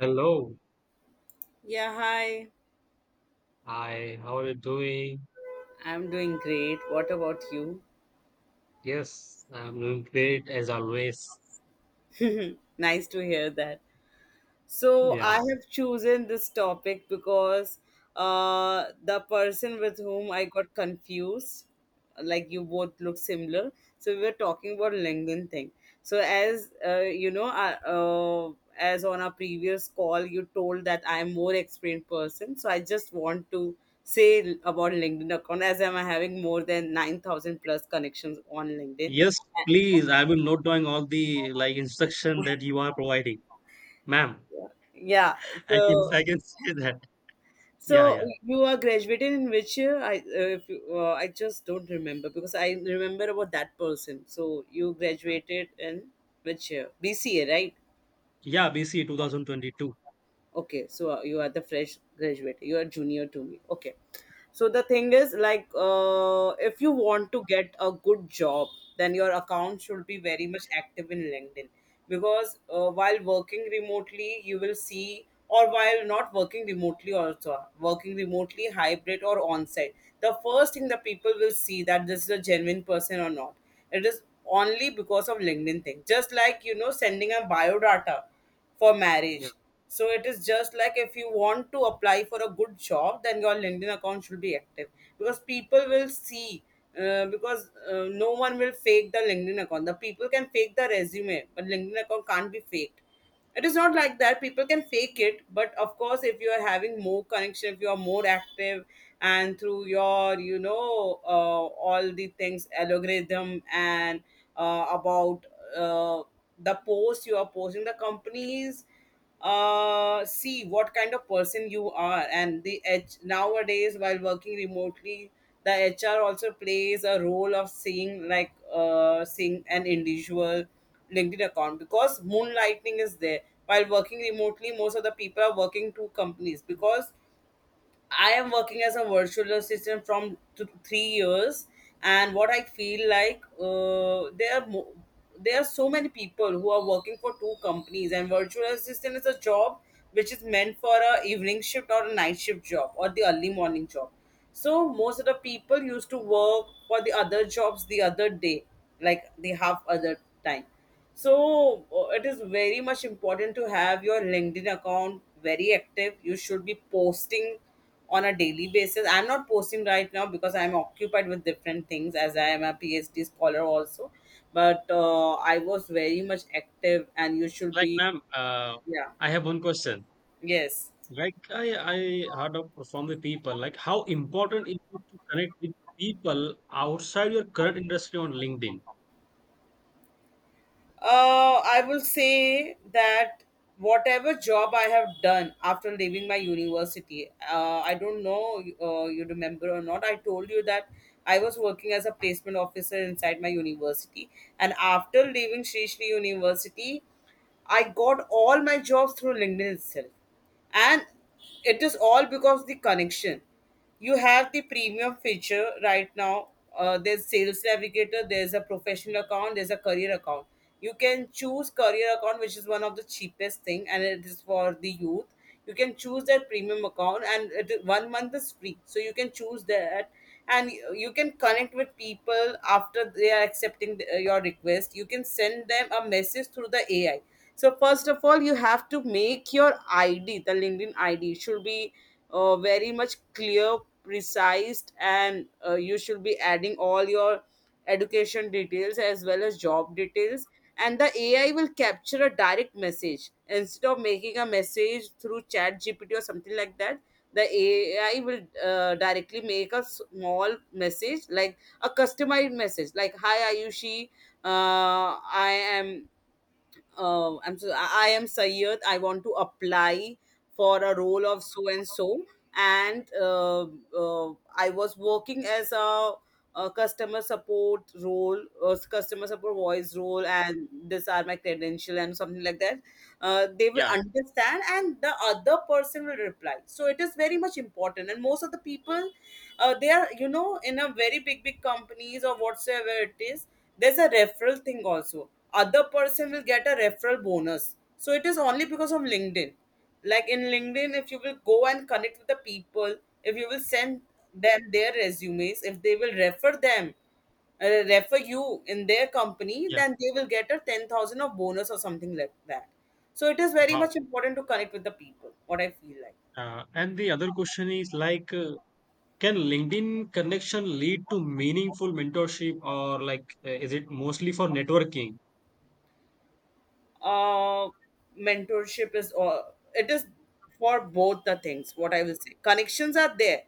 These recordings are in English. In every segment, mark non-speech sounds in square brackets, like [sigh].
Hello. Yeah, hi. Hi, how are you doing? I'm doing great. What about you? Yes, I'm doing great as always. [laughs] Nice to hear that. So I Yeah. have chosen this topic because the person with whom I got confused, like you both look similar. So we were talking about LinkedIn thing. So as on our previous call, you told that I am more experienced person. So I just want to say about LinkedIn account as I'm having more than 9,000 plus connections on LinkedIn. Yes, please. I will note down all the instruction that you are providing, ma'am. Yeah, I can so I can say that. Yeah, So yeah, you are graduated in which year? I if you, I just don't remember because I remember about that person. So you graduated in which year? BCA, right? yeah. BC 2022. Okay, so you are the fresh graduate. You are junior to me. Okay. So the thing is, like, if you want to get a good job, then your account should be very much active in LinkedIn because while working remotely, you will see, or while not working remotely, also working remotely, hybrid or on-site, the first thing the people will see that this is a genuine person or not. It is only because of LinkedIn thing. Just like, sending a biodata for Yeah. marriage. So it is just like, if you want to apply for a good job, then your LinkedIn account should be active because people will see. Because no one will fake the LinkedIn account. The people can fake the resume, but LinkedIn account can't be faked. It is not like that. People can fake it, but of course, if you are having more connection, if you are more active, and through your, all the things, algorithm, and about. Uh, the post you are posting, the companies see what kind of person you are. And the h nowadays, while working remotely, the HR also plays a role of seeing, like, seeing an individual LinkedIn account, because moonlighting is there. While working remotely, most of the people are working two companies, because I am working as a virtual assistant from 3 years, and what I feel like, there are so many people who are working for two companies, and virtual assistant is a job which is meant for a evening shift or a night shift job or the early morning job. So most of the people used to work for the other jobs the other day, like the half other time. So it is very much important to have your LinkedIn account very active. You should be posting on a daily basis. I'm not posting right now because I'm occupied with different things, as I am a PhD scholar also. But I was very much active, and you should Like, be. ma'am, Yeah, I have one question. yes. Like, I heard of from the people how important is it to connect with people outside your current industry on LinkedIn? I will say that whatever job I have done after leaving my university, I don't know, you remember or not. I told you that I was working as a placement officer inside my university, and after leaving Sri Sri University, I got all my jobs through LinkedIn itself, and it is all because the connection you have. The premium feature right now, there's sales navigator, there's a professional account, there's a career account. You can choose career account, which is one of the cheapest thing, and it is for the youth. You can choose that premium account, and 1 month is free, so you can choose that. And you can connect with people, after they are accepting the, your request, you can send them a message through the AI. So first of all, you have to make your ID, the LinkedIn ID should be very much clear, precise, and you should be adding all your education details as well as job details. And the AI will capture a direct message, instead of making a message through Chat GPT or something like that. The AI will directly make a small message, like a customized message, like, "Hi Ayushi, I am I'm so I am Sayyed. I want to apply for a role of so and so, and I was working as a customer support role, customer support voice role, and these are my credential and something like that." They will Yeah, yeah, understand, and the other person will reply. So it is very much important, and most of the people, they are, in a very big big companies or whatsoever it is, there's a referral thing also. Other person will get a referral bonus. So it is only because of LinkedIn. Like in LinkedIn, if you will go and connect with the people, if you will send them their resumes, if they will refer them, uh, refer you in their company, yeah. then they will get a 10,000 of bonus or something like that. So it is very Wow. much important to connect with the people, what I feel like. And the other question is can LinkedIn connection lead to meaningful mentorship, or is it mostly for networking? uh, Mentorship is all, it is for both the things, what I will say. Connections are there,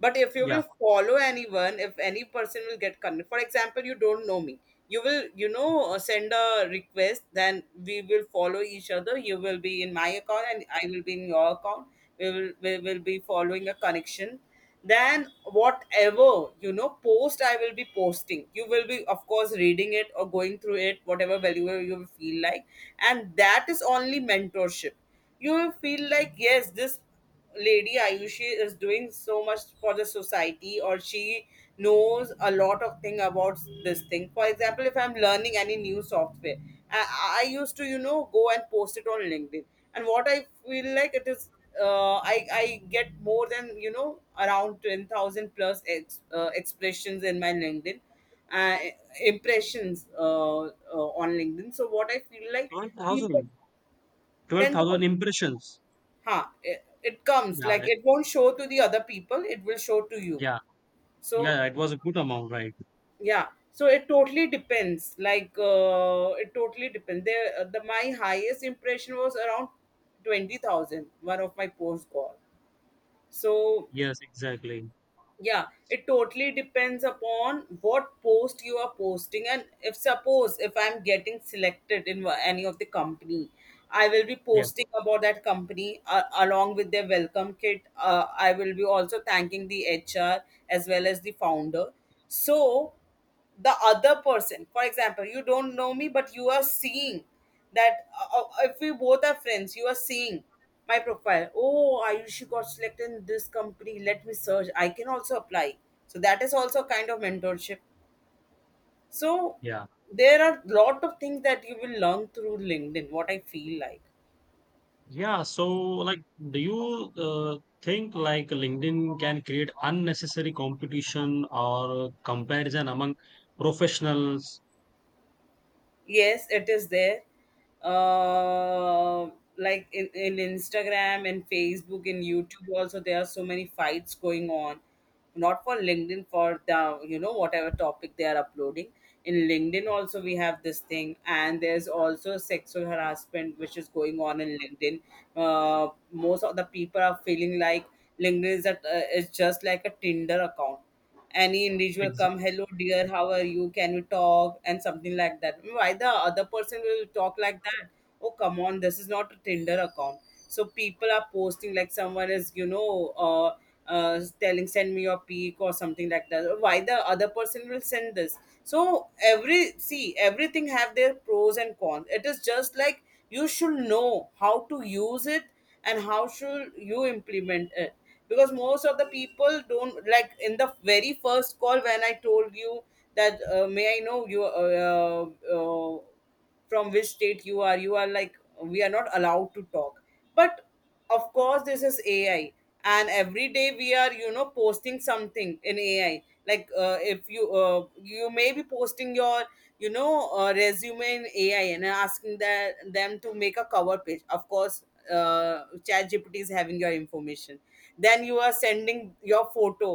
but if you Yeah, will follow anyone, if any person will get connected, for example, you don't know me, you will, send a request, then we will follow each other. You will be in my account, and I will be in your account. We will be following a connection, than whatever, post I will be posting, you will be, of course, reading it or going through it, whatever value you feel like. And that is only mentorship. You will feel like, yes, this lady Ayushi is doing so much for the society, or she knows a lot of thing about this thing. For example, if I'm learning any new software, I used to, go and post it on LinkedIn, and what I feel like, it is, I get more than, around 10,000 plus expressions in my LinkedIn, uh, impressions, on LinkedIn. So what I feel like, people, 12,000, ten 12,000 thousand, impressions. huh? It comes Yeah, like, it- it won't show to the other people. It will show to you. yeah, So yeah, it was a good amount, right? yeah. So it totally depends. Like, it totally depends. The my highest impression was around 20,000. One of my posts got so, Yes, exactly. yeah. It totally depends upon what post you are posting, and if suppose, if I'm getting selected in any of the company, I will be Yeah, posting about that company, along with their welcome kit. I will be also thanking the HR as well as the founder. So the other person, for example, you don't know me, but you are seeing that, if we both are friends, you are seeing my profile, "Oh, Ayushi got selected in this company, let me search, I can also apply." So that is also kind of mentorship. So yeah, there are lot of things that you will learn through LinkedIn, what I feel like. yeah. So, like, do you think like LinkedIn can create unnecessary competition or comparison among professionals? Yes, it is there. uh, like in Instagram and Facebook and YouTube also, there are so many fights going on, not for LinkedIn, for the, whatever topic they are uploading. In LinkedIn also we have this thing, and there's also sexual harassment which is going on in LinkedIn. Most of the people are feeling like LinkedIn is just like a Tinder account. Any individual come, "Hello dear, how are you, can we talk," and something like that. Why the other person will talk like that? Oh come on, this is not a Tinder account. So people are posting like, someone is, telling, "Send me your pic," or something like that. Why the other person will send this? So everything have their pros and cons. It is just like, you should know how to use it, and how should you implement it. Because most of the people don't. Like in the very first call, when I told you that, "May I know you, from which state you are," you are like, "We are not allowed to talk." But of course, this is AI, and every day we are, posting something in AI, like if you may be posting your, resume in AI and asking that them to make a cover page, of course. Chat GPT is having your information, then you are sending your photo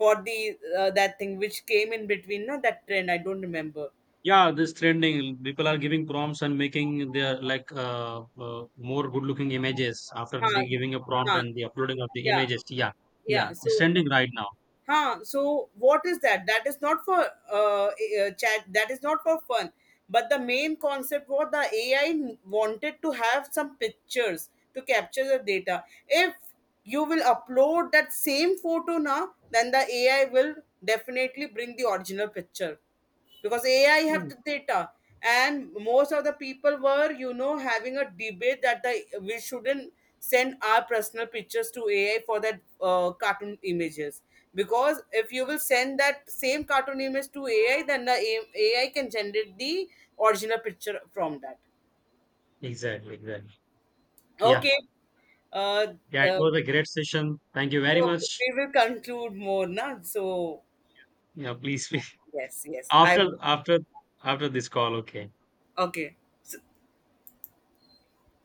for the, that thing which came in between, no, that trend I don't remember. Yeah, this trending, people are giving prompts and making their more good looking images after Huh. they giving a prompt Huh. and the uploading of the Yeah. images. Yeah, Yeah. yeah, it's So, trending right now. huh. So what is that? That is not for chat. That is not for fun. But the main concept was, the AI wanted to have some pictures to capture the data. If you will upload that same photo now, then the AI will definitely bring the original picture, because AI have So, the data, and most of the people were, having a debate that the we shouldn't send our personal pictures to AI for that cartoon images, because if you will send that same cartoon image to AI, then the AI can generate the original picture from that. exactly, exactly. Yeah, Okay, uh, yeah, it uh, was a great session. Thank you very so much. we will conclude more now. So Yeah, please, [laughs] please. yes, yes, I After, will. after, after this call, okay. Okay.